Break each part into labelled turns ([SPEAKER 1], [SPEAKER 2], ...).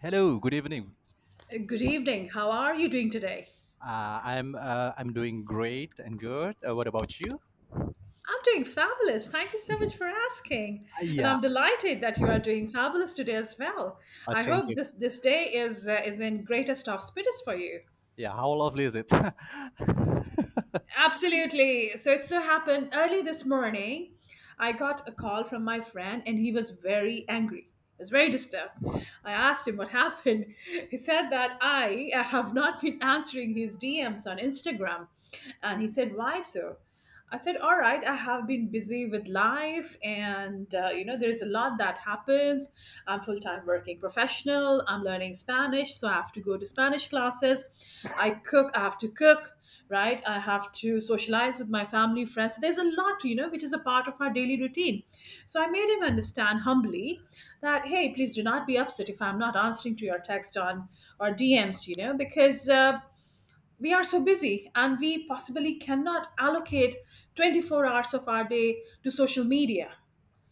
[SPEAKER 1] Hello, good evening.
[SPEAKER 2] Good evening. How are you doing today?
[SPEAKER 1] I'm doing great and good. What about you?
[SPEAKER 2] I'm doing fabulous. Thank you so much for asking.
[SPEAKER 1] Uh,
[SPEAKER 2] And
[SPEAKER 1] yeah,
[SPEAKER 2] I'm delighted that you are doing fabulous today as well. I
[SPEAKER 1] Thank
[SPEAKER 2] hope
[SPEAKER 1] you.
[SPEAKER 2] this day is in greatest of spirits for you.
[SPEAKER 1] Yeah, how lovely is it?
[SPEAKER 2] Absolutely. So it so happened early this morning, I got a call from my friend and he was very angry. He was very disturbed. I asked him what happened. He said that I have not been answering his DMs on Instagram. And he said, "Why so?" I said, "All right, I have been busy with life, and there's a lot that happens. I'm full time working professional. I'm learning Spanish, so I have to go to Spanish classes. I cook. I have to cook, right? I have to socialize with my family, friends. So there's a lot, which is a part of our daily routine. So I made him understand humbly that, hey, please do not be upset if I'm not answering to your text on or DMs, because." We are so busy and we possibly cannot allocate 24 hours of our day to social media,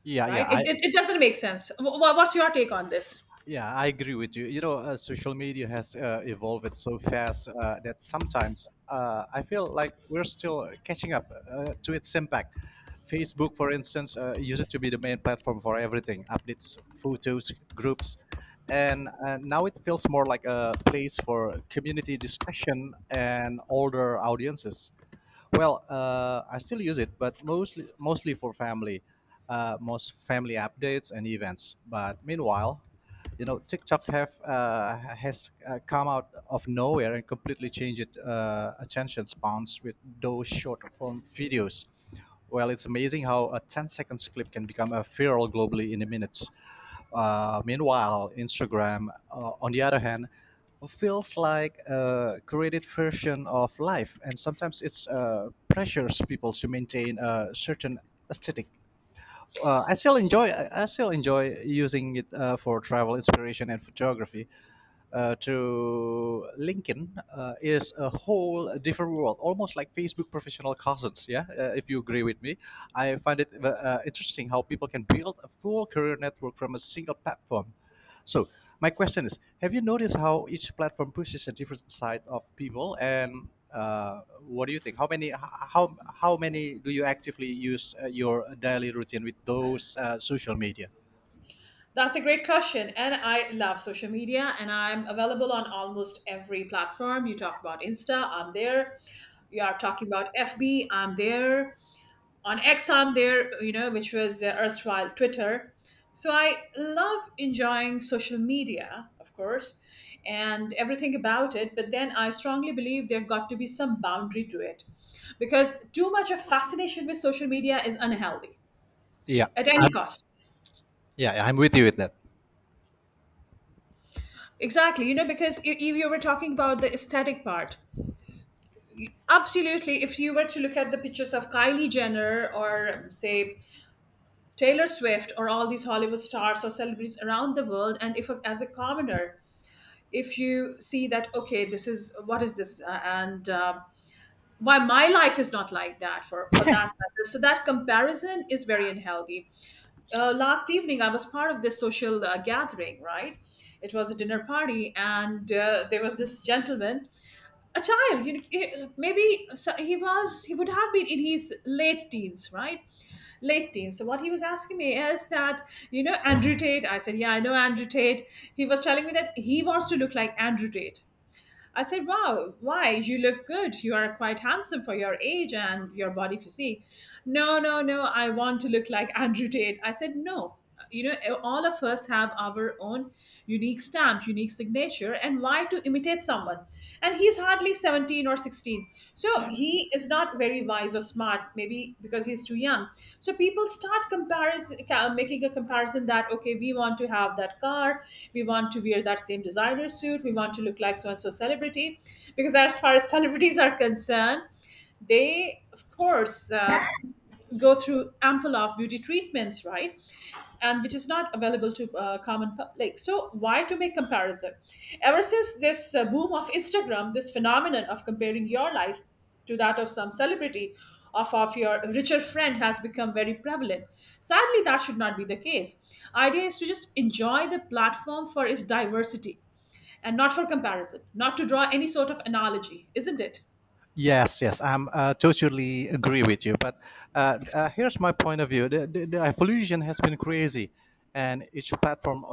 [SPEAKER 1] yeah, yeah.
[SPEAKER 2] right? it,
[SPEAKER 1] I
[SPEAKER 2] it, it doesn't make sense. What's your take on this?
[SPEAKER 1] Yeah, I agree with you. You know, social media has evolved so fast that sometimes I feel like we're still catching up to its impact. Facebook, for instance, used to be the main platform for everything updates, photos, groups. And now it feels more like a place for community discussion and older audiences. Well, I still use it, but mostly for family, most family updates and events. But meanwhile, TikTok have has come out of nowhere and completely changed attention spans with those short form videos. Well, it's amazing how a 10 seconds clip can become a viral globally in minutes. Meanwhile, Instagram, on the other hand, feels like a created version of life, and sometimes it's pressures people to maintain a certain aesthetic. I still enjoy using it for travel inspiration and photography, to LinkedIn is a whole different world, almost like Facebook professional cousins. Yeah, if you agree with me, I find it interesting how people can build a full career network from a single platform. So my question is: Have you noticed how each platform pushes a different side of people? And what do you think? How how many do you actively use your daily routine with those social media?
[SPEAKER 2] That's a great question, and I love social media, and I'm available on almost every platform. You talk about Insta, I'm there. You are talking about FB, I'm there. On X arm there, which was erstwhile Twitter. So I love enjoying social media, of course, and everything about it. But then I strongly believe there got to be some boundary to it, because too much of fascination with social media is unhealthy
[SPEAKER 1] Yeah,
[SPEAKER 2] at any
[SPEAKER 1] I'm.
[SPEAKER 2] cost.
[SPEAKER 1] Yeah, I'm with you with that.
[SPEAKER 2] Exactly, because if you were talking about the aesthetic part, absolutely. If you were to look at the pictures of Kylie Jenner or, say, Taylor Swift or all these Hollywood stars or celebrities around the world. And if, as a commoner, if you see that, okay, this is what is this, and why my life is not like that for that matter. So that comparison is very unhealthy. Last evening, I was part of this social gathering. Right, it was a dinner party, and there was this gentleman, a child, maybe, so he would have been in his late teens, right? Late teens. So what he was asking me is that, you know Andrew Tate? I said, yeah, I know Andrew Tate. He was telling me that he wants to look like Andrew Tate. I said, "Wow, why? You look good. You are quite handsome for your age and your body physique." "No, no, no. I want to look like Andrew Tate." I said, "No. You know, all of us have our own unique stamp, unique signature, and why to imitate someone?" And he's hardly 17 or 16. So he is not very wise or smart, maybe because he's too young. So people start comparison, making a comparison that okay, we want to have that car, we want to wear that same designer suit, we want to look like so and so celebrity, because as far as celebrities are concerned, they of course go through ample of beauty treatments, right? And which is not available to common public. So why to make comparison? Ever since this boom of Instagram, this phenomenon of comparing your life to that of some celebrity, of your richer friend has become very prevalent. Sadly, that should not be the case. Idea is to just enjoy the platform for its diversity and not for comparison, not to draw any sort of analogy, isn't it?
[SPEAKER 1] Yes, yes, I'm totally agree with you. But here's my point of view: the evolution has been crazy, and each platform, uh,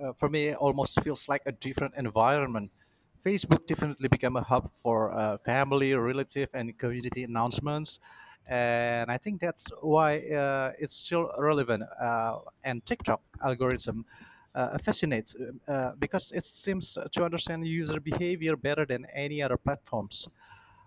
[SPEAKER 1] uh, for me, almost feels like a different environment. Facebook definitely became a hub for family, relative, and community announcements, and I think that's why it's still relevant. And TikTok algorithm fascinates because it seems to understand user behavior better than any other platforms.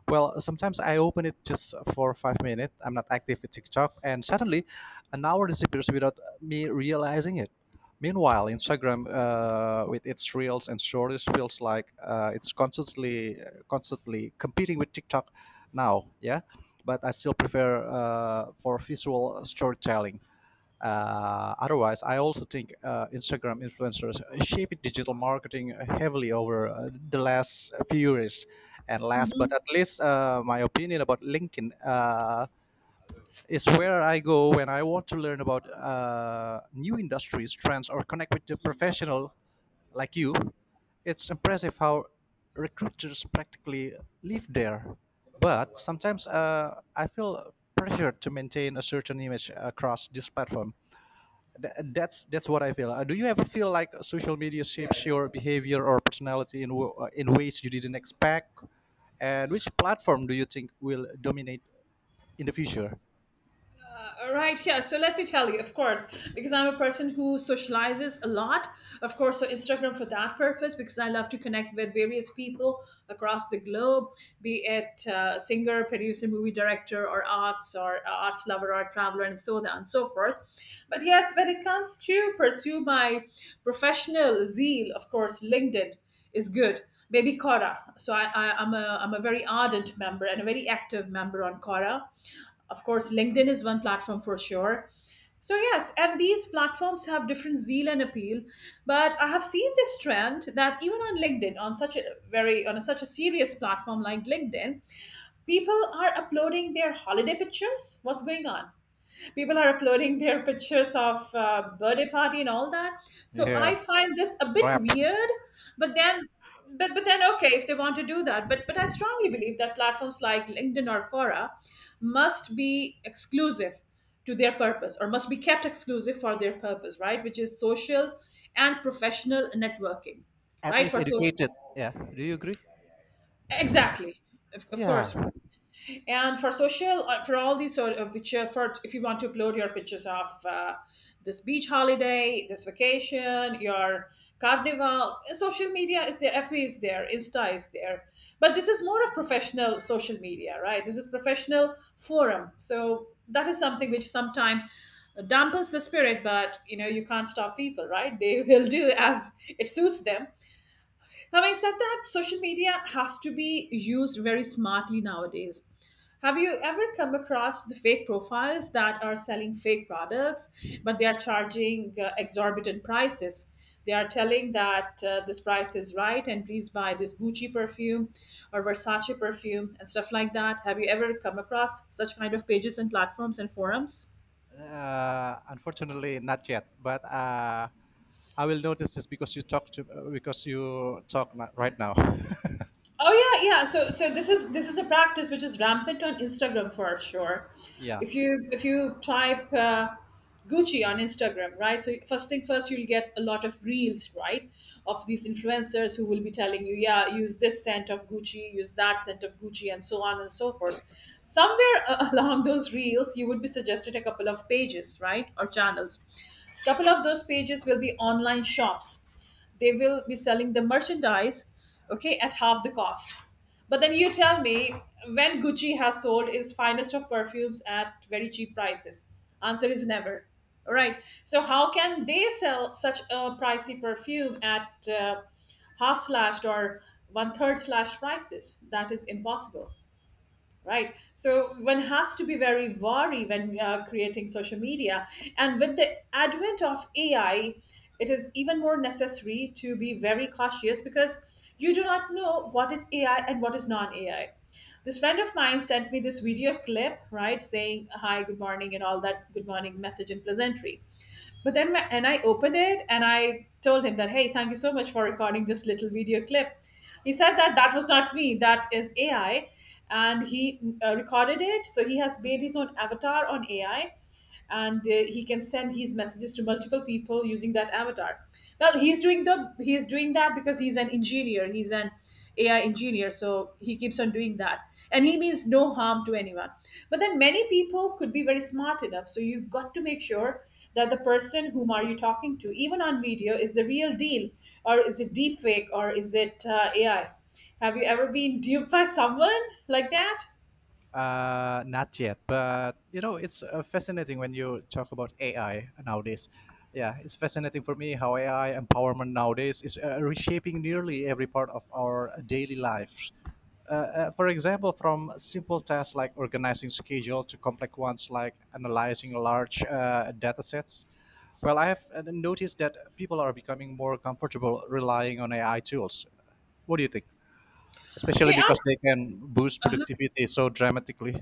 [SPEAKER 1] Well, sometimes I open it just for 5 minutes. I'm not active with TikTok, and suddenly, an hour disappears without me realizing it. Meanwhile, Instagram, with its reels and stories, feels like it's constantly competing with TikTok now. Yeah, but I still prefer for visual storytelling, otherwise I also think Instagram influencers shaped digital marketing heavily over the last few years, and last but at least my opinion about LinkedIn is where I go when I want to learn about new industries trends or connect with the professional like you. It's impressive how recruiters practically live there. But sometimes I feel pressured to maintain a certain image across this platform. That's what I feel. Do you ever feel like social media shapes your behavior or personality in in ways you didn't expect? And which platform do you think will dominate in the future?
[SPEAKER 2] Right, yeah. So let me tell you, of course, because I'm a person who socializes a lot. Of course, so Instagram for that purpose, because I love to connect with various people across the globe, be it singer, producer, movie director, or arts lover, or traveler, and so on and so forth. But yes, when it comes to pursue my professional zeal, of course, LinkedIn is good. Baby Quora. So I'm a very ardent member and a very active member on Quora. Of course, LinkedIn is one platform for sure. So yes, and these platforms have different zeal and appeal, but I have seen this trend that even on LinkedIn, on such a very on a, such a serious platform like LinkedIn, people are uploading their holiday pictures. What's going on? People are uploading their pictures of birthday party and all that. So
[SPEAKER 1] Yeah.
[SPEAKER 2] I find this a bit
[SPEAKER 1] Crap.
[SPEAKER 2] weird. But then, but then, okay, if they want to do that, but I strongly believe that platforms like LinkedIn or Quora must be exclusive to their purpose, or must be kept exclusive for their purpose, right? Which is social and professional networking,
[SPEAKER 1] At
[SPEAKER 2] right?
[SPEAKER 1] least
[SPEAKER 2] For so,
[SPEAKER 1] educated. Yeah. Do you agree?
[SPEAKER 2] exactly, of
[SPEAKER 1] Yeah.
[SPEAKER 2] course. And for social, for all these sort of picture, for if you want to upload your pictures of this beach holiday, this vacation, your carnival, social media is there, FB is there, Insta is there. But this is more of professional social media, right? This is professional forum. So that is something which sometimes dampens the spirit, but you know you can't stop people, right? They will do as it suits them. Having said that, social media has to be used very smartly nowadays. Have you ever come across the fake profiles that are selling fake products, but they are charging exorbitant prices? They are telling that this price is right and please buy this Gucci perfume or Versace perfume and stuff like that. Have you ever come across such kind of pages and platforms and forums?
[SPEAKER 1] Unfortunately, not yet. But I will notice this because you talk right now.
[SPEAKER 2] Oh yeah, yeah. So this is a practice which is rampant on Instagram for sure.
[SPEAKER 1] Yeah.
[SPEAKER 2] If you type Gucci on Instagram, right? So first thing first, you'll get a lot of reels, right, of these influencers who will be telling you, yeah, use this scent of Gucci, use that scent of Gucci, and so on and so forth. Somewhere along those reels, you would be suggested a couple of pages, right, or channels. Couple of those pages will be online shops. They will be selling the merchandise, okay, at half the cost. But then you tell me, when Gucci has sold its finest of perfumes at very cheap prices? Answer is never. All right, so how can they sell such a pricey perfume at half slashed or one third slashed prices? That is impossible, right? So one has to be very wary when creating social media. And with the advent of AI, it is even more necessary to be very cautious, because you do not know what is AI and what is non-AI. This friend of mine sent me this video clip, right, saying hi, good morning and all that, good morning message and pleasantry. And I opened it and I told him that, hey, thank you so much for recording this little video clip. He said that that was not me, that is AI. And he recorded it. So he has made his own avatar on AI, and he can send his messages to multiple people using that avatar. Well, he's doing that because he's an engineer. He's an AI engineer, so he keeps on doing that. And he means no harm to anyone. But then many people could be very smart enough. So you got to make sure that the person whom are you talking to, even on video, is the real deal, or is it deep fake, or is it AI? Have you ever been duped by someone like that?
[SPEAKER 1] Not yet, but you know, it's fascinating when you talk about AI nowadays. Yeah, it's fascinating for me how AI empowerment nowadays is reshaping nearly every part of our daily lives. For example, from simple tasks like organizing schedule to complex ones like analyzing large data sets. Well, I have noticed that people are becoming more comfortable relying on AI tools. What do you think? Especially
[SPEAKER 2] They are.
[SPEAKER 1] because they can boost productivity so dramatically.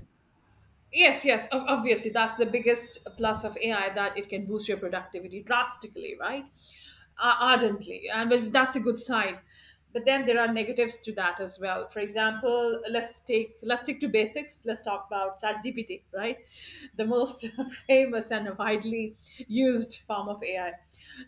[SPEAKER 2] Yes, yes, obviously, that's the biggest plus of AI, that it can boost your productivity drastically, right? Ardently. And but that's a good side. But then there are negatives to that as well. For example, let's stick to basics. Let's talk about ChatGPT, right? The most famous and widely used form of AI.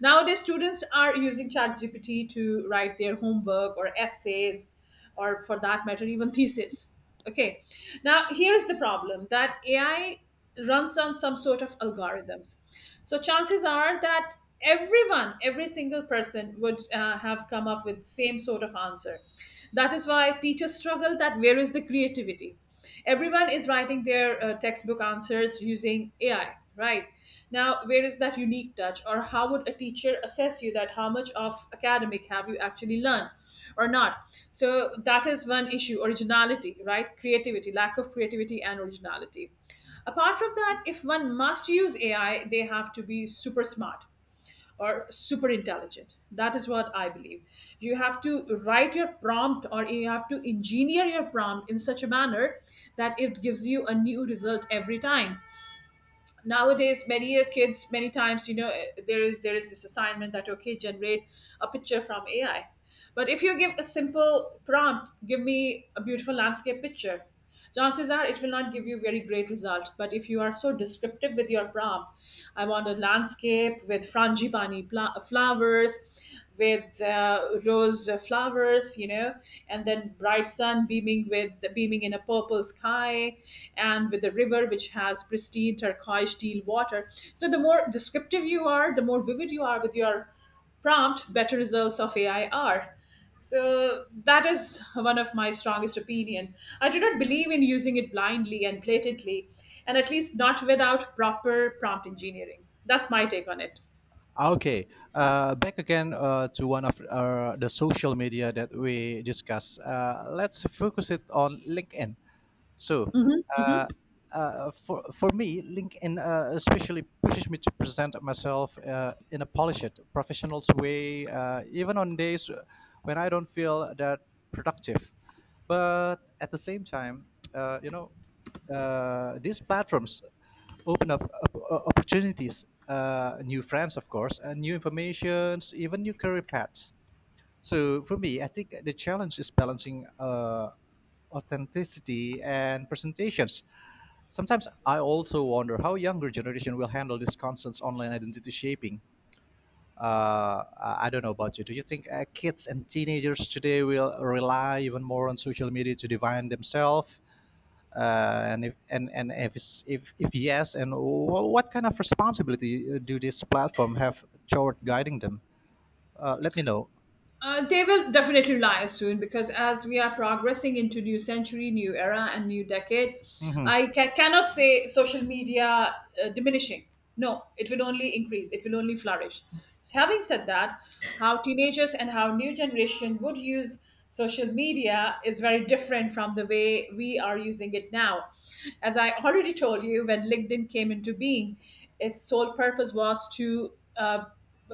[SPEAKER 2] Nowadays, students are using ChatGPT to write their homework or essays, or for that matter even thesis, okay. Now here is the problem, that AI runs on some sort of algorithms. So chances are that every single person would have come up with same sort of answer. That is why teachers struggle, that where is the creativity. Everyone is writing their textbook answers using AI, right? Now, where is that unique touch, or how would a teacher assess you that how much of academic have you actually learned or not? So that is one issue: originality, right? Creativity, lack of creativity and originality. Apart from that, if one must use AI, they have to be super smart or super intelligent. That is what I believe. You have to write your prompt or you have to engineer your prompt in such a manner that it gives you a new result every time. Nowadays, many a kids many times there is this assignment that okay, generate a picture from AI. But if you give a simple prompt, give me a beautiful landscape picture, chances are it will not give you very great result. But if you are so descriptive with your prompt, I want a landscape with flowers, with rose flowers, and then bright sun beaming in a purple sky, and with the river which has pristine turquoise teal water. So the more descriptive you are, the more vivid you are with your prompt, better results of AI are. So that is one of my strongest opinion. I do not believe in using it blindly and blatantly, and at least not without proper prompt engineering. That's my take on it.
[SPEAKER 1] Okay, back again to one of the social media that we discussed. Let's focus it on LinkedIn. So,
[SPEAKER 2] Mhm.
[SPEAKER 1] uh, for me, LinkedIn especially pushes me to present myself in a polished, professional way, even on days when I don't feel that productive. But at the same time, uh, you know, these platforms open up opportunities, new friends, of course, and new informations, even new career paths. So for me, I think the challenge is balancing authenticity and presentations. Sometimes I also wonder how younger generation will handle this constant online identity shaping. Uh, I I don't know about you. Do you think kids and teenagers today will rely even more on social media to define themselves? And if and, and if, it's, if yes, and what kind of responsibility do this platform have toward guiding them? Let me know.
[SPEAKER 2] They will definitely lie soon because as we are progressing into new century, new era, and new decade,
[SPEAKER 1] Hmm.
[SPEAKER 2] I cannot say social media diminishing. No, it will only increase. It will only flourish. So having said that, how teenagers and how new generation would use social media is very different from the way we are using it now. As I already told you, when LinkedIn came into being, its sole purpose was to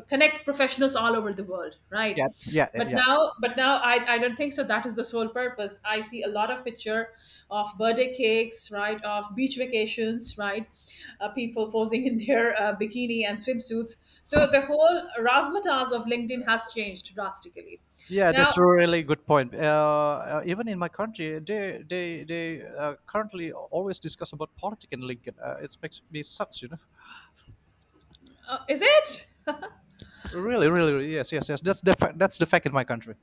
[SPEAKER 2] connect professionals all over the world, right?
[SPEAKER 1] Yeah, yeah,
[SPEAKER 2] but
[SPEAKER 1] yeah.
[SPEAKER 2] now but now I don't think so that is the sole purpose. I see a lot of picture of birthday cakes, right? Of beach vacations, right? Uh, people posing in their bikini and swimsuits. So the whole razzmatazz of LinkedIn has changed drastically
[SPEAKER 1] Yeah,
[SPEAKER 2] now.
[SPEAKER 1] that's a really good point. Uh, even in my country, they currently always discuss about politics in Lincoln. It makes me sucks, you know.
[SPEAKER 2] Is it?
[SPEAKER 1] Really, really, really, yes, yes, yes. That's the fact in my country.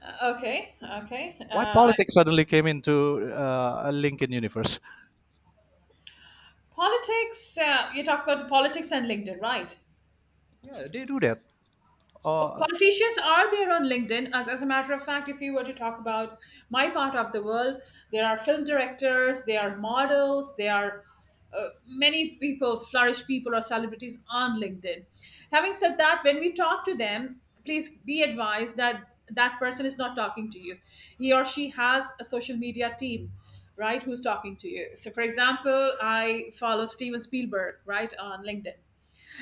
[SPEAKER 2] Okay, okay.
[SPEAKER 1] Why
[SPEAKER 2] uh, I-
[SPEAKER 1] politics suddenly came into a Lincoln universe?
[SPEAKER 2] Politics. Uh, you talk about the politics and LinkedIn, right?
[SPEAKER 1] Yeah, they do that. Uh,
[SPEAKER 2] Politicians are there on LinkedIn. As a matter of fact, if you were to talk about my part of the world, there are film directors, there are models, there are many people, flourish people, or celebrities on LinkedIn. Having said that, when we talk to them, please be advised that that person is not talking to you. He or she has a social media team, right, who's talking to you. So for example, I follow Steven Spielberg, right, on LinkedIn,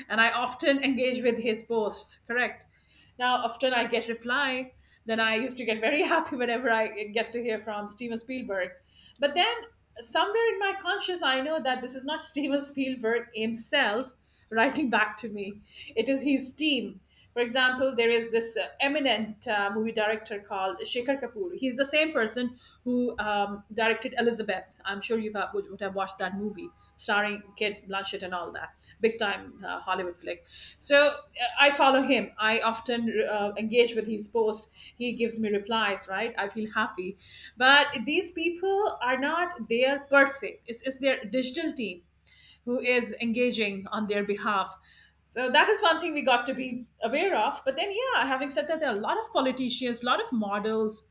[SPEAKER 2] and I often engage with his posts. Correct. Now, often I get reply. Then I used to get very happy whenever I get to hear from Steven Spielberg. But then somewhere in my conscious, I know that this is not Steven Spielberg himself writing back to me. It is his team. For example, there is this eminent movie director called Shekhar Kapoor. He's the same person who directed Elizabeth. I'm sure you have, would have watched that movie, starring Kate Blanchett and all that. Big time Hollywood flick. So I follow him. I often engage with his post. He gives me replies, right? I feel happy. But these people are not there per se, it's their digital team who is engaging on their behalf. So that is one thing we got to be aware of. But then, yeah, having said that, there are a lot of politicians, a lot of models,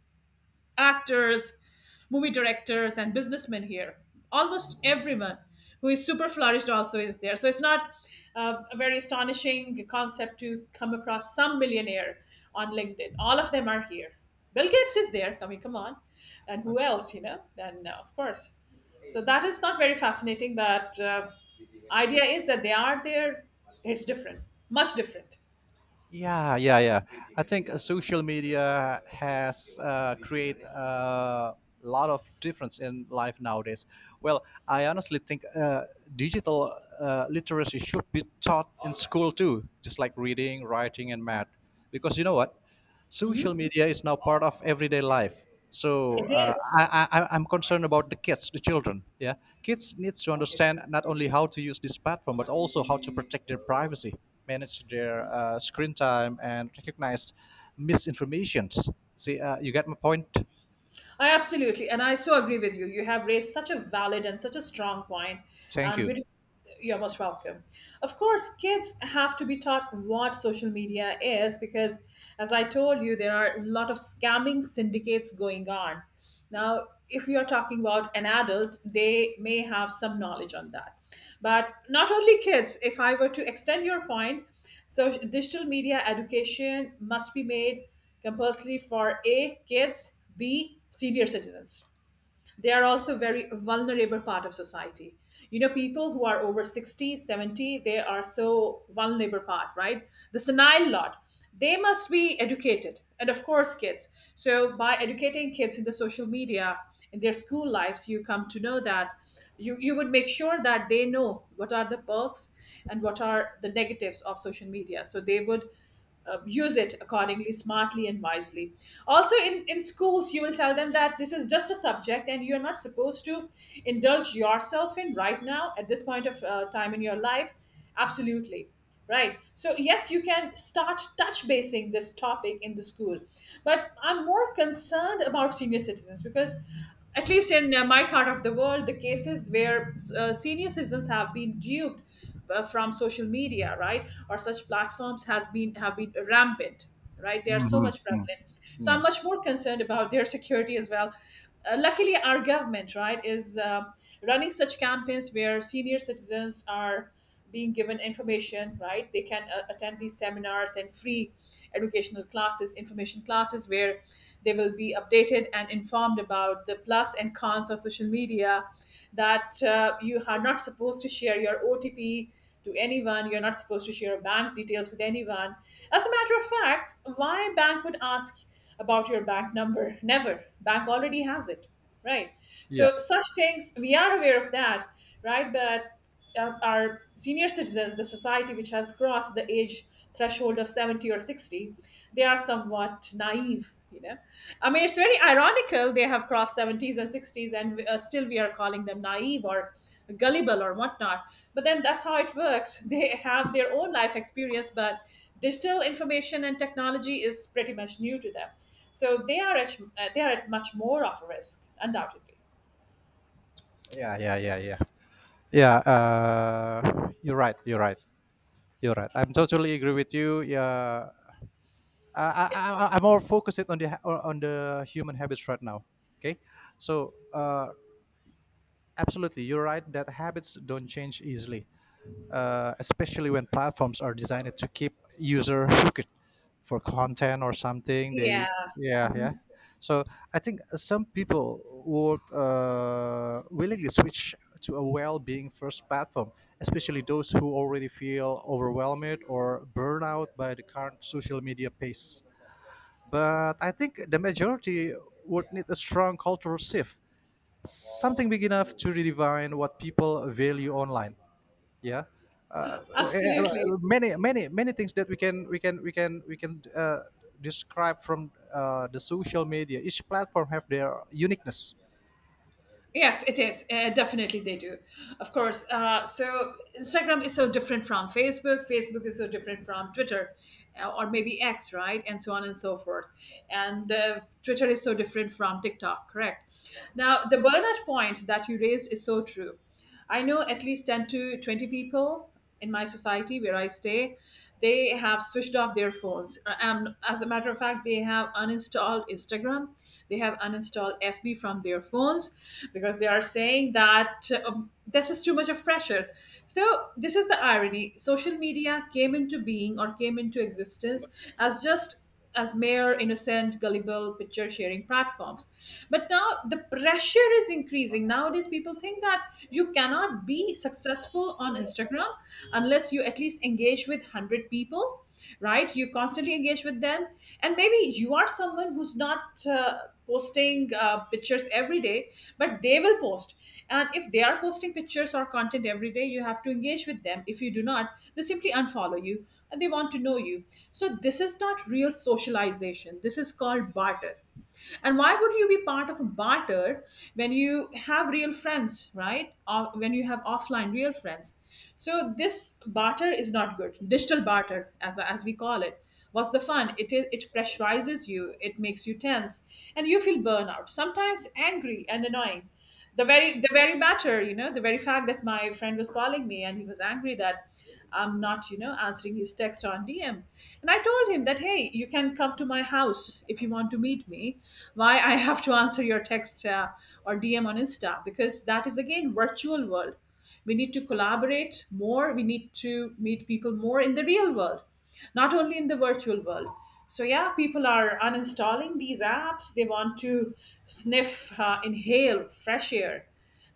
[SPEAKER 2] actors, movie directors, and businessmen here. Almost everyone who is super flourished also is there. So it's not a very astonishing concept to come across some millionaire on LinkedIn. All of them are here. Bill Gates is there. I mean, come on. And who else, you know? Then, of course. So that is not very fascinating, but idea is that they are there. It's different, much different.
[SPEAKER 1] Yeah, yeah, yeah. I think social media has create a lot of difference in life nowadays. Well, I honestly think digital literacy should be taught in school too, just like reading, writing, and math. Because you know what? Social
[SPEAKER 2] Mhm.
[SPEAKER 1] media is now part of everyday life, so
[SPEAKER 2] It is.
[SPEAKER 1] I am concerned about the kids, the children. Yeah, kids needs to understand not only how to use this platform but also how to protect their privacy, manage their screen time, and recognize misinformations. See, you get my point.
[SPEAKER 2] I absolutely, and I so agree with you. You have raised such a valid and such a strong point,
[SPEAKER 1] Thank
[SPEAKER 2] and
[SPEAKER 1] you.
[SPEAKER 2] beautiful. You're most welcome. Of course, kids have to be taught what social media is because, as I told you, there are a lot of scamming syndicates going on. Now, if you're talking about an adult, they may have some knowledge on that. But not only kids, if I were to extend your point, so digital media education must be made compulsory for A, kids, B, senior citizens. They are also very vulnerable part of society. You know, people who are over 60, 70, they are so vulnerable part, right? The senile lot, they must be educated, and of course kids. So by educating kids in the social media in their school lives, you come to know that you would make sure that they know what are the perks and what are the negatives of social media, so they would use it accordingly, smartly, and wisely. Also, in schools, you will tell them that this is just a subject and you're not supposed to indulge yourself in right now at this point of time in your life. Absolutely. Right. So, yes, you can start touch basing this topic in the school. But I'm more concerned about senior citizens because, at least in my part of the world, the cases where senior citizens have been duped from social media, right, or such platforms, has been have been rampant, right? They are so much
[SPEAKER 1] Mm-hmm.
[SPEAKER 2] prevalent. So I'm
[SPEAKER 1] Yeah.
[SPEAKER 2] much more concerned about their security as well. Uh, luckily, our government, right, is running such campaigns where senior citizens are being given information, right? They can attend these seminars and free educational classes, information classes, where they will be updated and informed about the plus and cons of social media. That you are not supposed to share your OTP to anyone, you're not supposed to share bank details with anyone. As a matter of fact, why bank would ask about your bank number? Never. Bank already has it, right?
[SPEAKER 1] Yeah,
[SPEAKER 2] So such things we are aware of that, right? But are senior citizens, the society which has crossed the age threshold of 70 or 60, they are somewhat naive. You know, I mean, it's very ironical they have crossed 70s and 60s, and still we are calling them naive or gullible or whatnot. But then that's how it works. They have their own life experience, but digital information and technology is pretty much new to them. So they are at much more of a risk, undoubtedly.
[SPEAKER 1] yeah, yeah, yeah, yeah, yeah, you're right, you're right, you're right, I'm totally agree with you. Yeah, uh, I, I am more focused on the human habits right now. Okay, so absolutely, you're right that habits don't change easily, especially when platforms are designed to keep user hooked for content or something. They
[SPEAKER 2] Yeah.
[SPEAKER 1] yeah, yeah.
[SPEAKER 2] Mhm.
[SPEAKER 1] So I think some people would willingly switch to a well-being first platform, especially those who already feel overwhelmed or burnout by the current social media pace, but I think the majority would need a strong cultural shift, something big enough to redefine what people value online. Yeah, uh, eh, eh,
[SPEAKER 2] Absolutely.
[SPEAKER 1] many things that we can describe from the social media. Each platform have their uniqueness.
[SPEAKER 2] Yes, it is. Definitely, they do. Of course. So Instagram is so different from Facebook. Facebook is so different from Twitter, or maybe X, right? And so on and so forth. And Twitter is so different from TikTok, correct? Now, the burnout point that you raised is so true. I know at least 10 to 20 people in my society where I stay, they have switched off their phones. As a matter of fact, they have uninstalled Instagram, they have uninstalled FB from their phones because they are saying that this is too much of pressure. So, this is the irony. Social media came into being or came into existence as just as mere innocent gullible picture sharing platforms. But now the pressure is increasing. Nowadays people think that you cannot be successful on Instagram unless you at least engage with 100 people, right? You constantly engage with them. And maybe you are someone who's not posting pictures every day, but they will post. And if they are posting pictures or content every day, you have to engage with them. If you do not, they simply unfollow you and they want to know you. So, this is not real socialization. This is called barter. And why would you be part of a barter when you have real friends, right? Or when you have offline real friends? So this barter is not good. Digital barter, as we call it, was the fun. It is, it pressurizes you. It makes you tense, and you feel burnout. Sometimes angry and annoying. The very matter, you know, the very fact that my friend was calling me and he was angry that I'm not, you know, answering his text on DM. And I told him that, hey, you can come to my house if you want to meet me. Why I have to answer your text or DM on Insta? Because that is again virtual world. We need to collaborate more. We need to meet people more in the real world, not only in the virtual world. So, yeah, people are uninstalling these apps. They want to sniff, inhale fresh air.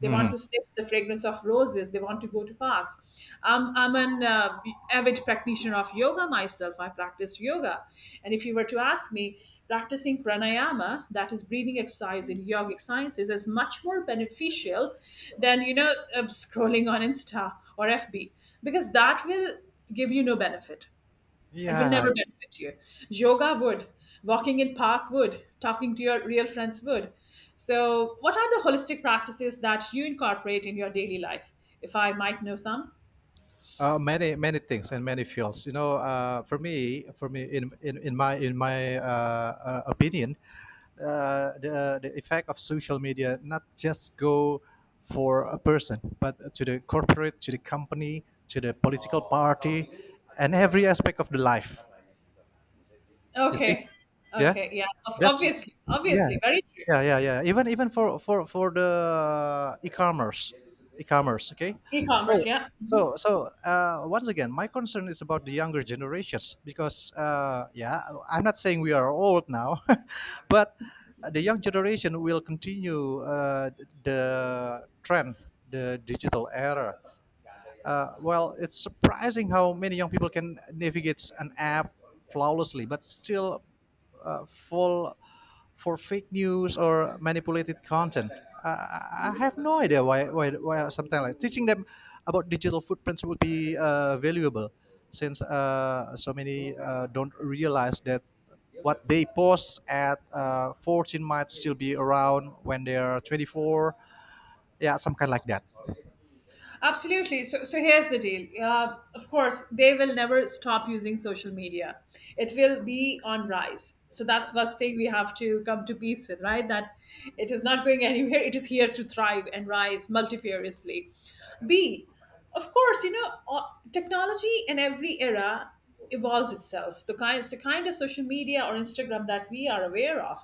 [SPEAKER 2] They want
[SPEAKER 1] Mhm.
[SPEAKER 2] to sniff the fragrance of roses. They want to go to parks. I'm an avid practitioner of yoga myself. I practice yoga. And if you were to ask me, practicing pranayama, that is breathing exercise in yogic sciences, is much more beneficial than, scrolling on Insta or FB because that will give you no benefit. It will
[SPEAKER 1] Yeah,
[SPEAKER 2] never benefit you. Yoga would, walking in park would, talking to your real friends would. So, what are the holistic practices that you incorporate in your daily life? If I might know some.
[SPEAKER 1] many many things and many fields. You know, for me, in my in my opinion, the effect of social media not just go for a person but to the corporate, to the company, to the political party, and every aspect of the life, you see.
[SPEAKER 2] Okay.
[SPEAKER 1] Yeah,
[SPEAKER 2] Okay. Yeah.
[SPEAKER 1] that's
[SPEAKER 2] Obviously.
[SPEAKER 1] yeah,
[SPEAKER 2] Obviously. Very true.
[SPEAKER 1] yeah, yeah, yeah, even even for the e-commerce, e-commerce, okay.
[SPEAKER 2] E commerce.
[SPEAKER 1] So
[SPEAKER 2] Yeah.
[SPEAKER 1] so once again my concern is about the younger generations because yeah, I'm not saying we are old now. But the young generation will continue the trend, the digital era. Well, it's surprising how many young people can navigate an app flawlessly but still full for fake news or manipulated content. I have no idea why, something like teaching them about digital footprints would be valuable, since so many don't realize that what they post at 14 might still be around when they're 24. Yeah, some kind like that.
[SPEAKER 2] Absolutely. So here's the deal. Of course, they will never stop using social media. It will be on rise. So that's first thing we have to come to peace with, right? That it is not going anywhere. It is here to thrive and rise multifariously. B, of course, technology in every era evolves itself. The kind of social media or Instagram that we are aware of,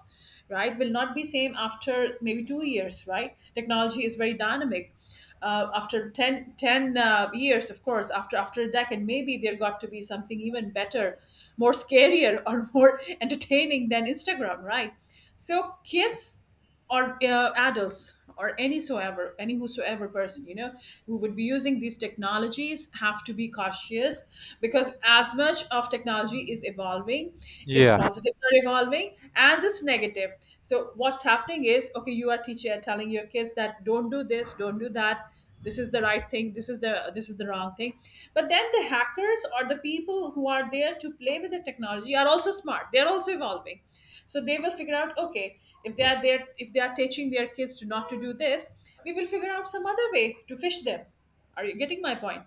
[SPEAKER 2] right, will not be same after maybe 2 years, right? Technology is very dynamic. After 10 10 years, of course, after a decade, maybe there got to be something even better, more scarier or more entertaining than Instagram, right? So kids or adults or any soever any whosoever person, you know, who would be using these technologies have to be cautious because as much of technology is evolving, its
[SPEAKER 1] Yeah,
[SPEAKER 2] positives are evolving as it's negative. So what's happening is, okay, you are teacher telling your kids that don't do this, don't do that, this is the right thing, this is the wrong thing. But then the hackers or the people who are there to play with the technology are also smart. They're also evolving. So they will figure out, okay, if they are there, if they are teaching their kids to not to do this, we will figure out some other way to fish them. Are you getting my point?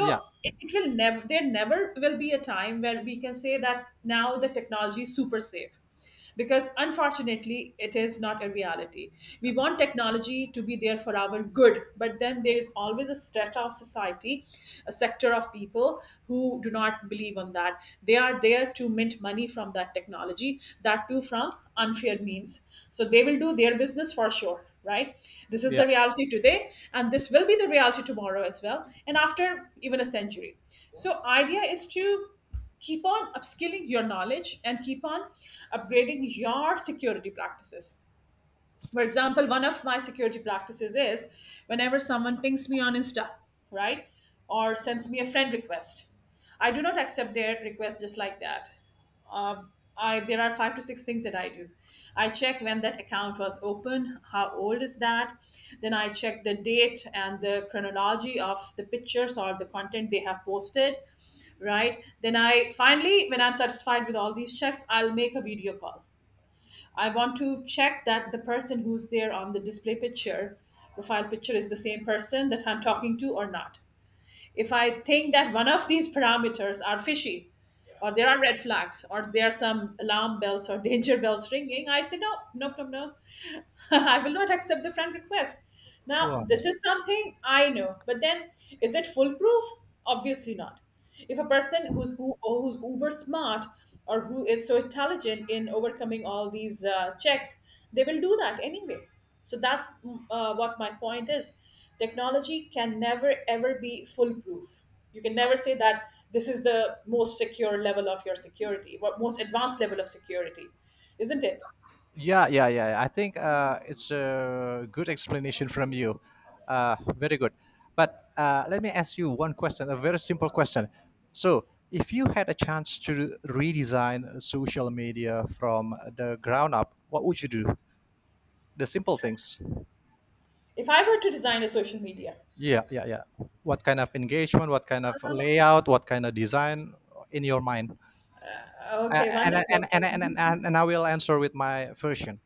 [SPEAKER 1] yeah,
[SPEAKER 2] it will never, there never will be a time where we can say that now the technology is super safe because unfortunately it is not a reality. We want technology to be there for our good, but then there is always a strata of society, a sector of people who do not believe on that. They are there to mint money from that technology, that too from unfair means. So they will do their business for sure, right? This is
[SPEAKER 1] yeah.
[SPEAKER 2] the reality today, and this will be the reality tomorrow as well, and after even a century. So idea is to keep on upskilling your knowledge and keep on upgrading your security practices. For example, one of my security practices is whenever someone pings me on Insta, right, or sends me a friend request, I do not accept their request just like that. I There are five to six things that I do. I check when that account was open, how old is that. Then I check the date and the chronology of the pictures or the content they have posted, right? Then I finally, when I'm satisfied with all these checks, I'll make a video call. I want to check that the person who's there on the display picture, profile picture, is the same person that I'm talking to or not. If I think that one of these parameters are fishy, or there are red flags, or there are some alarm bells or danger bells ringing, I say, no, no, no, no. I will not accept the friend request. Now,
[SPEAKER 1] Wow.
[SPEAKER 2] this is something I know, but then is it foolproof? Obviously not. If a person who's who or who's uber smart or who is so intelligent in overcoming all these checks, they will do that anyway. So that's what my point is. Technology can never ever be foolproof. You can never say that this is the most secure level of your security, what most advanced level of security, isn't it?
[SPEAKER 1] Yeah, yeah, yeah, yeah. I think it's a good explanation from you. Very good. But let me ask you one question, a very simple question. So, if you had a chance to redesign social media from the ground up, what would you do? The simple things.
[SPEAKER 2] If I were to design a social media.
[SPEAKER 1] Yeah, yeah, yeah. What kind of engagement? What kind of layout? What kind of design in your mind?
[SPEAKER 2] Okay, wonderful.
[SPEAKER 1] And I will answer with my version.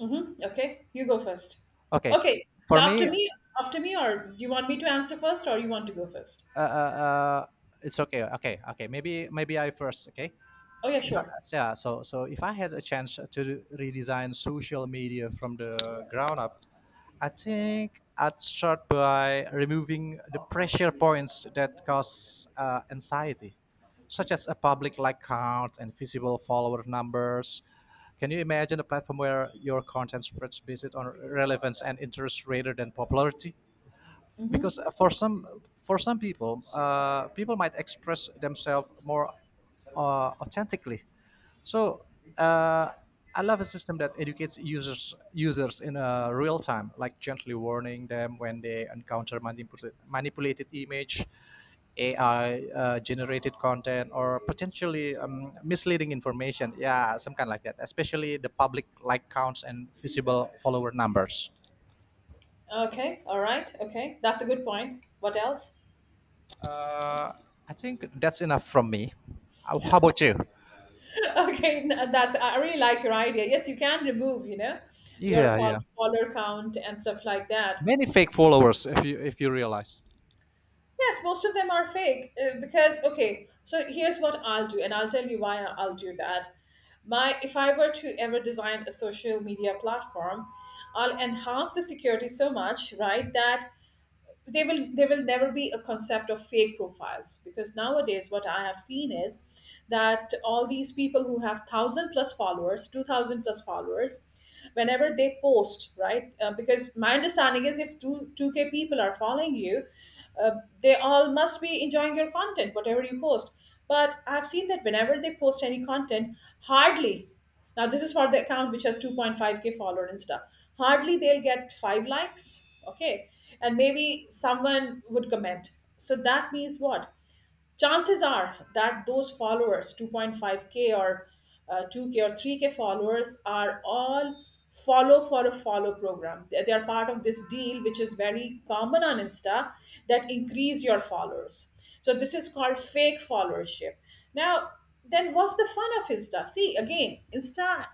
[SPEAKER 2] Mm-hmm. Okay, you go first.
[SPEAKER 1] Okay.
[SPEAKER 2] Okay, l-
[SPEAKER 1] For
[SPEAKER 2] after
[SPEAKER 1] me,
[SPEAKER 2] me, after me, or you want me to answer first, or you want to go first?
[SPEAKER 1] uh, uh, uh, it's okay. Okay, okay. Maybe maybe I first. Okay.
[SPEAKER 2] Oh yeah,
[SPEAKER 1] If I,
[SPEAKER 2] sure.
[SPEAKER 1] Yeah. So so if I had a chance to redesign social media from the ground up, I think I'd start by removing the pressure points that cause anxiety, such as a public like count and visible follower numbers. Can you imagine a platform where your content spreads based on relevance and interest rather than popularity?
[SPEAKER 2] Mm-hmm.
[SPEAKER 1] Because for some people people might express themselves more authentically. So uh, I love a system that educates users in real time, like gently warning them when they encounter manipulated image, AI generated content, or potentially misleading information. Yeah, some kind like that. Especially the public like counts and visible follower numbers.
[SPEAKER 2] Okay, all right. Okay, that's a good point. What else?
[SPEAKER 1] Uh, I think that's enough from me. How about you?
[SPEAKER 2] That's, I really like your idea. Yes, you can remove, you know, your
[SPEAKER 1] Yeah, yeah.
[SPEAKER 2] follower count and stuff like that.
[SPEAKER 1] Many fake followers, if you realize.
[SPEAKER 2] Yes, most of them are fake because, okay. So here's what I'll do, and I'll tell you why I'll do that. My, if I were to ever design a social media platform, I'll enhance the security so much, right, that they will, there will never be a concept of fake profiles, because nowadays what I have seen is that all these people who have 1000 plus followers, 2000 plus followers, whenever they post, right, because my understanding is if 2 2k people are following you, uh, they all must be enjoying your content whatever you post. But I've seen that whenever they post any content, hardly, now, this is for the account which has 2.5k follower and stuff. Hardly they'll get five likes, okay? And maybe someone would comment. So that means what? Chances are that those followers, 2.5k or 2k or 3k followers, are all follow for a follow program. They are part of this deal which is very common on Insta, that increase your followers. So this is called fake followership. Now, then what's the fun of Insta? See, again, Insta,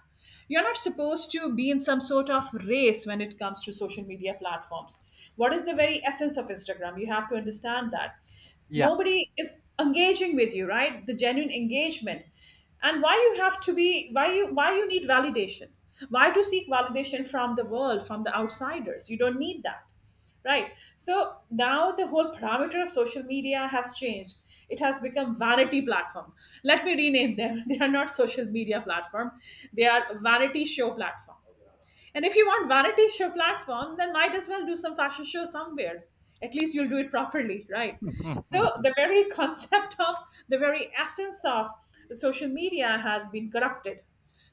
[SPEAKER 2] you're not supposed to be in some sort of race when it comes to social media platforms. What is the very essence of Instagram? You have to understand that.
[SPEAKER 1] Yeah.
[SPEAKER 2] Nobody is engaging with you, right? The genuine engagement. And why you have to be, why you need validation? Why to seek validation from the world, from the outsiders? You don't need that. Right. So now the whole parameter of social media has changed. It has become vanity platform. Let me rename them. They are not social media platform. They are vanity show platform. And if you want vanity show platform, then might as well do some fashion show somewhere. At least you'll do it properly, right? So the very concept of, the very essence of social media has been corrupted.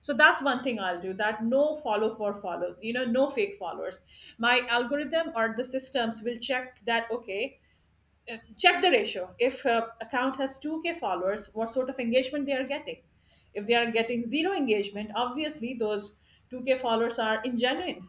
[SPEAKER 2] So that's one thing I'll do, that no follow for follow, you know, no fake followers. My algorithm or the systems will check that, okay, check the ratio, if account has 2k followers, what sort of engagement they are getting. If they are getting zero engagement, obviously those 2k followers are ingenuine.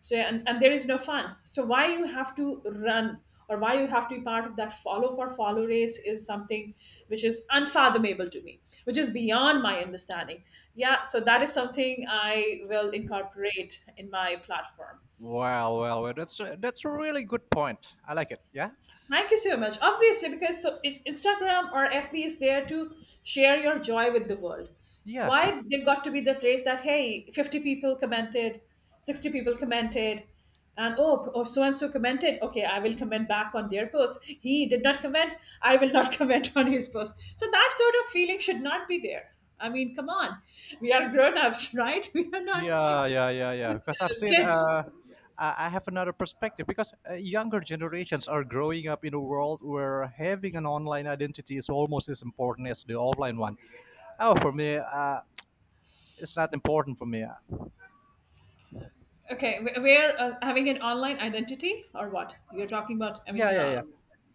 [SPEAKER 2] So and there is no fun. So why you have to run or why you have to be part of that follow for follow race is something which is unfathomable to me, which is beyond my understanding. Yeah, so that is something I will incorporate in my platform.
[SPEAKER 1] Well, well, well. That's that's a really good point. I like it. Yeah.
[SPEAKER 2] Thank you so much. Obviously, because so Instagram or FB is there to share your joy with the world.
[SPEAKER 1] Yeah.
[SPEAKER 2] Why there got to be the phrase that, hey, 50 people commented, 60 people commented, and oh, oh so and so commented. Okay, I will comment back on their post. He did not comment. I will not comment on his post. So that sort of feeling should not be there. I mean, come on, we are grown ups, right? We are not
[SPEAKER 1] Yeah. Yeah. Yeah. Yeah. Because I've seen.
[SPEAKER 2] kids.
[SPEAKER 1] Uh, I have another perspective because younger generations are growing up in a world where having an online identity is almost as important as the offline one. Oh, for me, it's not important for me.
[SPEAKER 2] Okay, we're having an online identity or what? You're talking about having
[SPEAKER 1] Yeah, yeah, yeah,
[SPEAKER 2] a.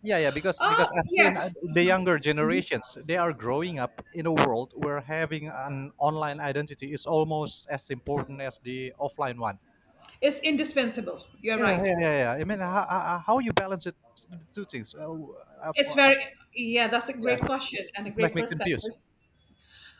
[SPEAKER 1] yeah, yeah. because
[SPEAKER 2] Uh,
[SPEAKER 1] because I've seen,
[SPEAKER 2] yes,
[SPEAKER 1] the younger
[SPEAKER 2] Mhm.
[SPEAKER 1] generations, they are growing up in a world where having an online identity is almost as important as the offline one.
[SPEAKER 2] it's indispensable. You're
[SPEAKER 1] Yeah,
[SPEAKER 2] right.
[SPEAKER 1] yeah, yeah, yeah. I mean, how you balance it, the two things uh,
[SPEAKER 2] It's
[SPEAKER 1] for- uh,
[SPEAKER 2] very, yeah, that's a
[SPEAKER 1] yeah
[SPEAKER 2] great question and a
[SPEAKER 1] it's make
[SPEAKER 2] great
[SPEAKER 1] me confused.
[SPEAKER 2] perspective.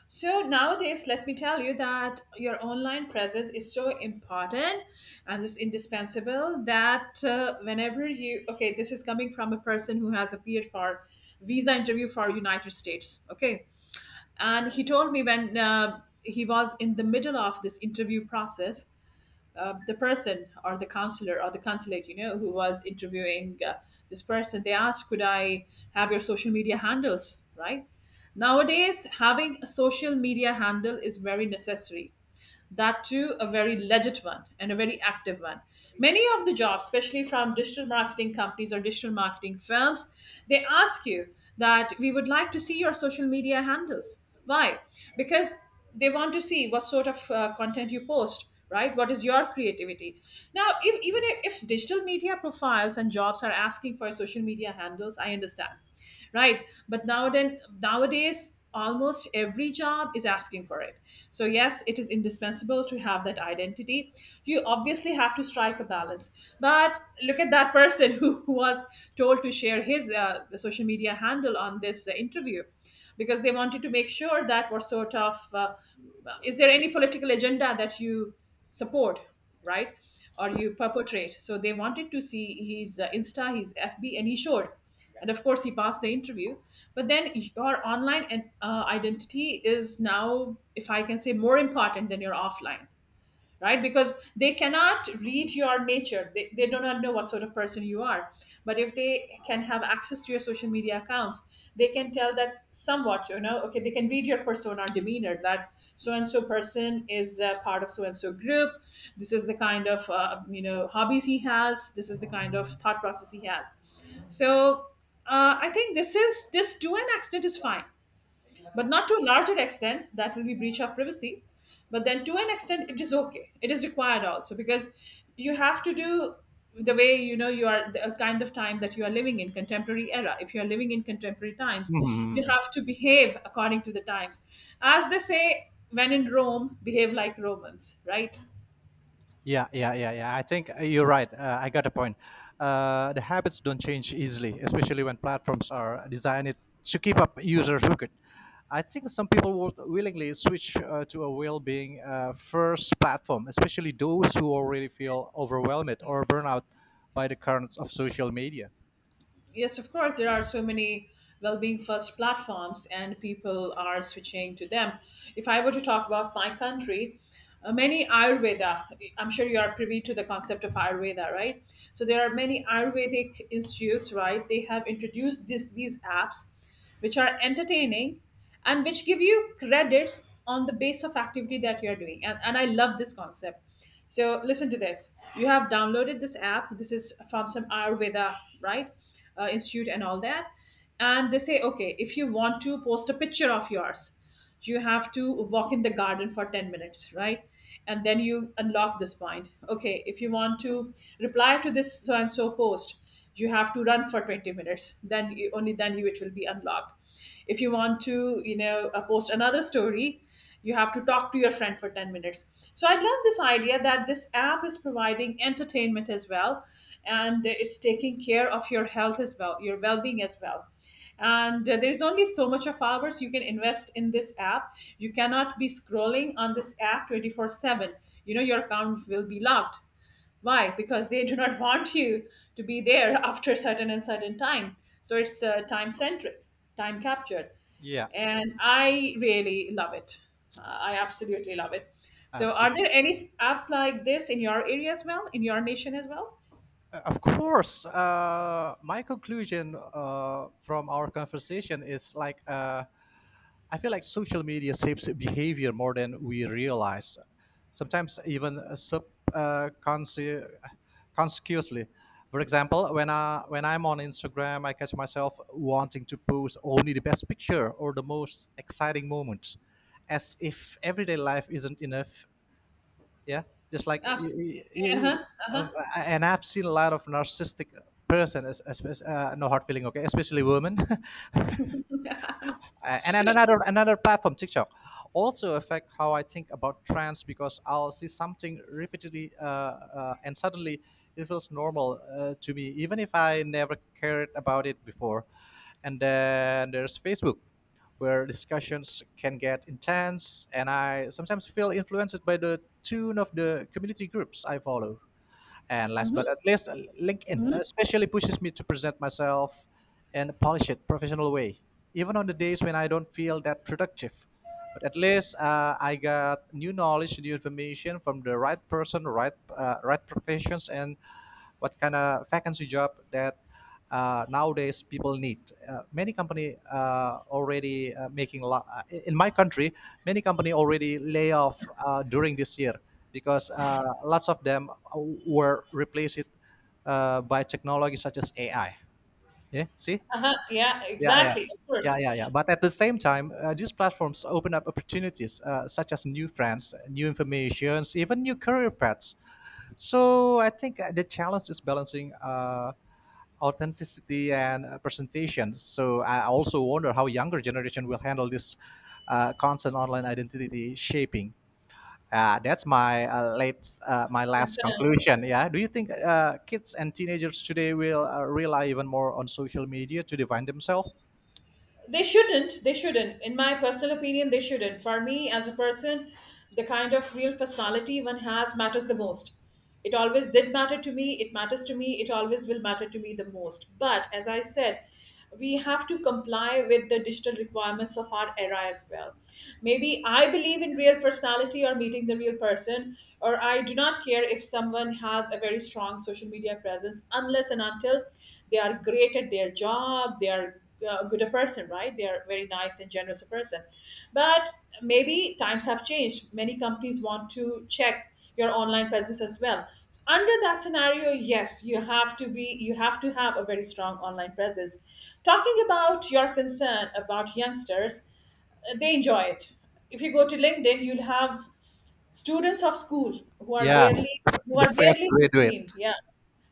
[SPEAKER 2] So nowadays, let me tell you that your online presence is so important, and it's indispensable that whenever you, okay, this is coming from a person who has appeared for visa interview for United States, okay? And he told me when he was in the middle of this interview process, the person or the counselor or the consulate, you know, who was interviewing this person, they asked, could I have your social media handles, right? Nowadays, having a social media handle is very necessary, that too a very legit one and a very active one. Many of the jobs, especially from digital marketing companies or digital marketing firms, they ask you that we would like to see your social media handles. Why? Because they want to see what sort of content you post, right, what is your creativity. Now if, even if digital media profiles and jobs are asking for social media handles, I understand, right, but nowadays almost every job is asking for it. So, yes, it is indispensable to have that identity. You obviously have to strike a balance. But look at that person who was told to share his social media handle on this interview, because they wanted to make sure that what sort of is there any political agenda that you support, right? Or you perpetrate. So they wanted to see his Insta, his FB, and he showed, and of course he passed the interview. But then your online identity is now, if I can say, more important than your offline, right? Because they cannot read your nature, they do not know what sort of person you are. But if they can have access to your social media accounts, they can tell that, somewhat, you know, okay, they can read your persona or demeanor, that so and so person is part of so and so group. This is the kind of hobbies he has, this is the kind of thought process he has. So I think this, is this to an extent is fine, but not to a larger extent, that will be breach of privacy. But then to an extent it is okay, it is required also, because you have to do, the way, you know, you are, the kind of time that you are living in, contemporary era, if you are living in contemporary times, you
[SPEAKER 1] Mhm.
[SPEAKER 2] have to behave according to the times. As they say, when in Rome, behave like Romans, right?
[SPEAKER 1] Yeah, yeah, yeah, yeah. I think you're right. I got a point. The habits don't change easily, especially when platforms are designed to keep up users hooked. I think some people would willingly switch to a well-being first platform, especially those who already feel overwhelmed or burnout by the currents of social media.
[SPEAKER 2] Yes, of course, there are so many well-being first platforms, and people are switching to them. If I were to talk about my country, many Ayurveda, I'm sure you are privy to the concept of Ayurveda, right? So there are many Ayurvedic institutes, right? They have introduced this these apps which are entertaining and which give you credits on the base of activity that you're doing. And I love this concept. So listen to this. You have downloaded this app. This is from some Ayurveda, right? Institute and all that. And they say, okay, if you want to post a picture of yours, you have to walk in the garden for 10 minutes, right? And then you unlock this point. Okay, if you want to reply to this so and so post, you have to run for 20 minutes. Then only then you it will be unlocked. If you want to, you know, post another story, you have to talk to your friend for 10 minutes. So I love this idea that this app is providing entertainment as well, and it's taking care of your health as well, your well-being as well. And there's only so much of hours you can invest in this app. You cannot be scrolling on this app 24/7, you know, your account will be locked. Why? Because they do not want you to be there after a certain and certain time. So it's time centric, time captured.
[SPEAKER 1] Yeah,
[SPEAKER 2] And I really love it. I absolutely love it. So, are
[SPEAKER 1] absolutely. Uh,
[SPEAKER 2] there any apps like this in your area as well, in your nation as well?
[SPEAKER 1] Of course, my conclusion from our conversation is like. I feel like social media shapes behavior more than we realize. Sometimes even subconsciously. Consciously. For example, when I'm on Instagram, I catch myself wanting to post only the best picture or the most exciting moment, as if everyday life isn't enough. Yeah, just like
[SPEAKER 2] Apps. Uh huh. Uh
[SPEAKER 1] uh,
[SPEAKER 2] huh.
[SPEAKER 1] and I've seen a lot of narcissistic person, no hard feeling, okay, especially women, And another platform, TikTok, also affect how I think about trends because I'll see something repeatedly, and suddenly it feels normal to me, even if I never cared about it before. And then there's Facebook, where discussions can get intense and I sometimes feel influenced by the tune of the community groups I follow. And last but not least, LinkedIn
[SPEAKER 2] Mm-hmm.
[SPEAKER 1] especially pushes me to present myself in a polished, professional way, even on the days when I don't feel that productive. But at least I got new knowledge, new information from the right person, right, right professions, and what kind of vacancy job that nowadays people need. Many company in my country. Many company already lay off during this year because lots of them were replaced by technology such as AI. Yeah, see,
[SPEAKER 2] Uh huh. Yeah.
[SPEAKER 1] yeah, yeah.
[SPEAKER 2] Exactly. Of course.
[SPEAKER 1] Yeah, yeah, yeah. But at the same time, these platforms open up opportunities such as new friends, new informations, even new career paths. So I think the challenge is balancing authenticity and presentation. So I also wonder how younger generation will handle this constant online identity shaping. That's my my last
[SPEAKER 2] Concerned.
[SPEAKER 1] conclusion. Yeah. Do you think kids and teenagers today will rely even more on social media to define themselves?
[SPEAKER 2] They shouldn't, they shouldn't in my personal opinion, they shouldn't. For me, as a person, the kind of real personality one has matters the most. It always did matter to me, it matters to me, it always will matter to me the most. But as I said, we have to comply with the digital requirements of our era as well. Maybe I believe in real personality or meeting the real person, or I do not care if someone has a very strong social media presence, unless and until they are great at their job, they are good a person, right? They are very nice and generous a person. But maybe times have changed. Many companies want to check your online presence as well. Under that scenario, yes, you have to have a very strong online presence. Talking about your concern about youngsters, they enjoy it. If you go to LinkedIn, you'll have students of school who are
[SPEAKER 1] Yeah,
[SPEAKER 2] barely, who
[SPEAKER 1] the
[SPEAKER 2] are
[SPEAKER 1] fresh
[SPEAKER 2] barely
[SPEAKER 1] graduate.
[SPEAKER 2] 15. Yeah.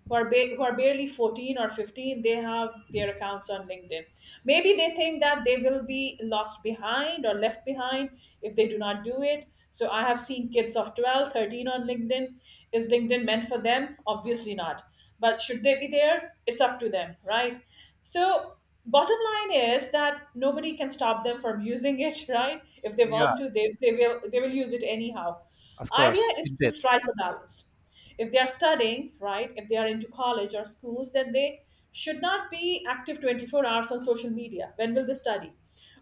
[SPEAKER 2] Who are barely 14 or 15, they have their accounts on LinkedIn. Maybe they think that they will be lost behind or left behind if they do not do it. So I have seen kids of 12, 13 on LinkedIn. Is LinkedIn meant for them? Obviously not. But should they be there? It's up to them, right? So bottom line is that nobody can stop them from using it right? If they
[SPEAKER 1] Yeah,
[SPEAKER 2] want to, they will they will use it anyhow.
[SPEAKER 1] of
[SPEAKER 2] Idea
[SPEAKER 1] course,
[SPEAKER 2] is to
[SPEAKER 1] indeed.
[SPEAKER 2] strike a balance. If they are studying, right, if they are into college or schools, then they should not be active 24 hours on social media. When will they study?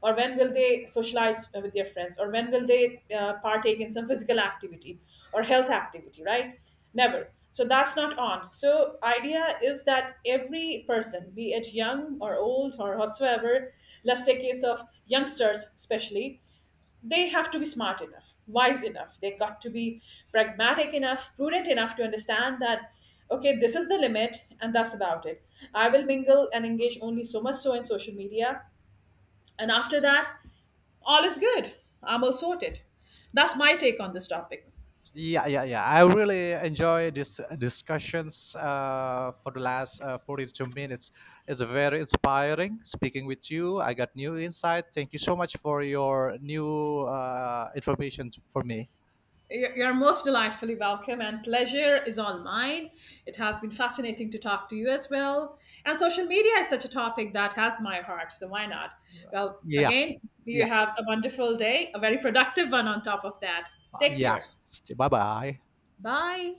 [SPEAKER 2] Or when will they socialize with their friends? Or when will they partake in some physical activity or health activity, right? Never. So that's not on. So idea is that every person, be it young or old or whatsoever, let's take case of youngsters especially, they have to be smart enough, wise enough. They got to be pragmatic enough, prudent enough to understand that, okay, this is the limit and that's about it. I will mingle and engage only so much so in social media. And after that, all is good. I'm all sorted. That's my take on this topic.
[SPEAKER 1] Yeah, yeah, yeah. I really enjoy these discussions for the last 42 minutes. It's very inspiring speaking with you. I got new insight. Thank you so much for your new information for me.
[SPEAKER 2] You're most delightfully welcome, and pleasure is all mine. It has been fascinating to talk to you as well. And social media is such a topic that has my heart, so why not? Well,
[SPEAKER 1] Yeah,
[SPEAKER 2] again, you
[SPEAKER 1] yeah,
[SPEAKER 2] have a wonderful day, a very productive one on top of that. Take care.
[SPEAKER 1] yes. Bye bye.
[SPEAKER 2] Bye.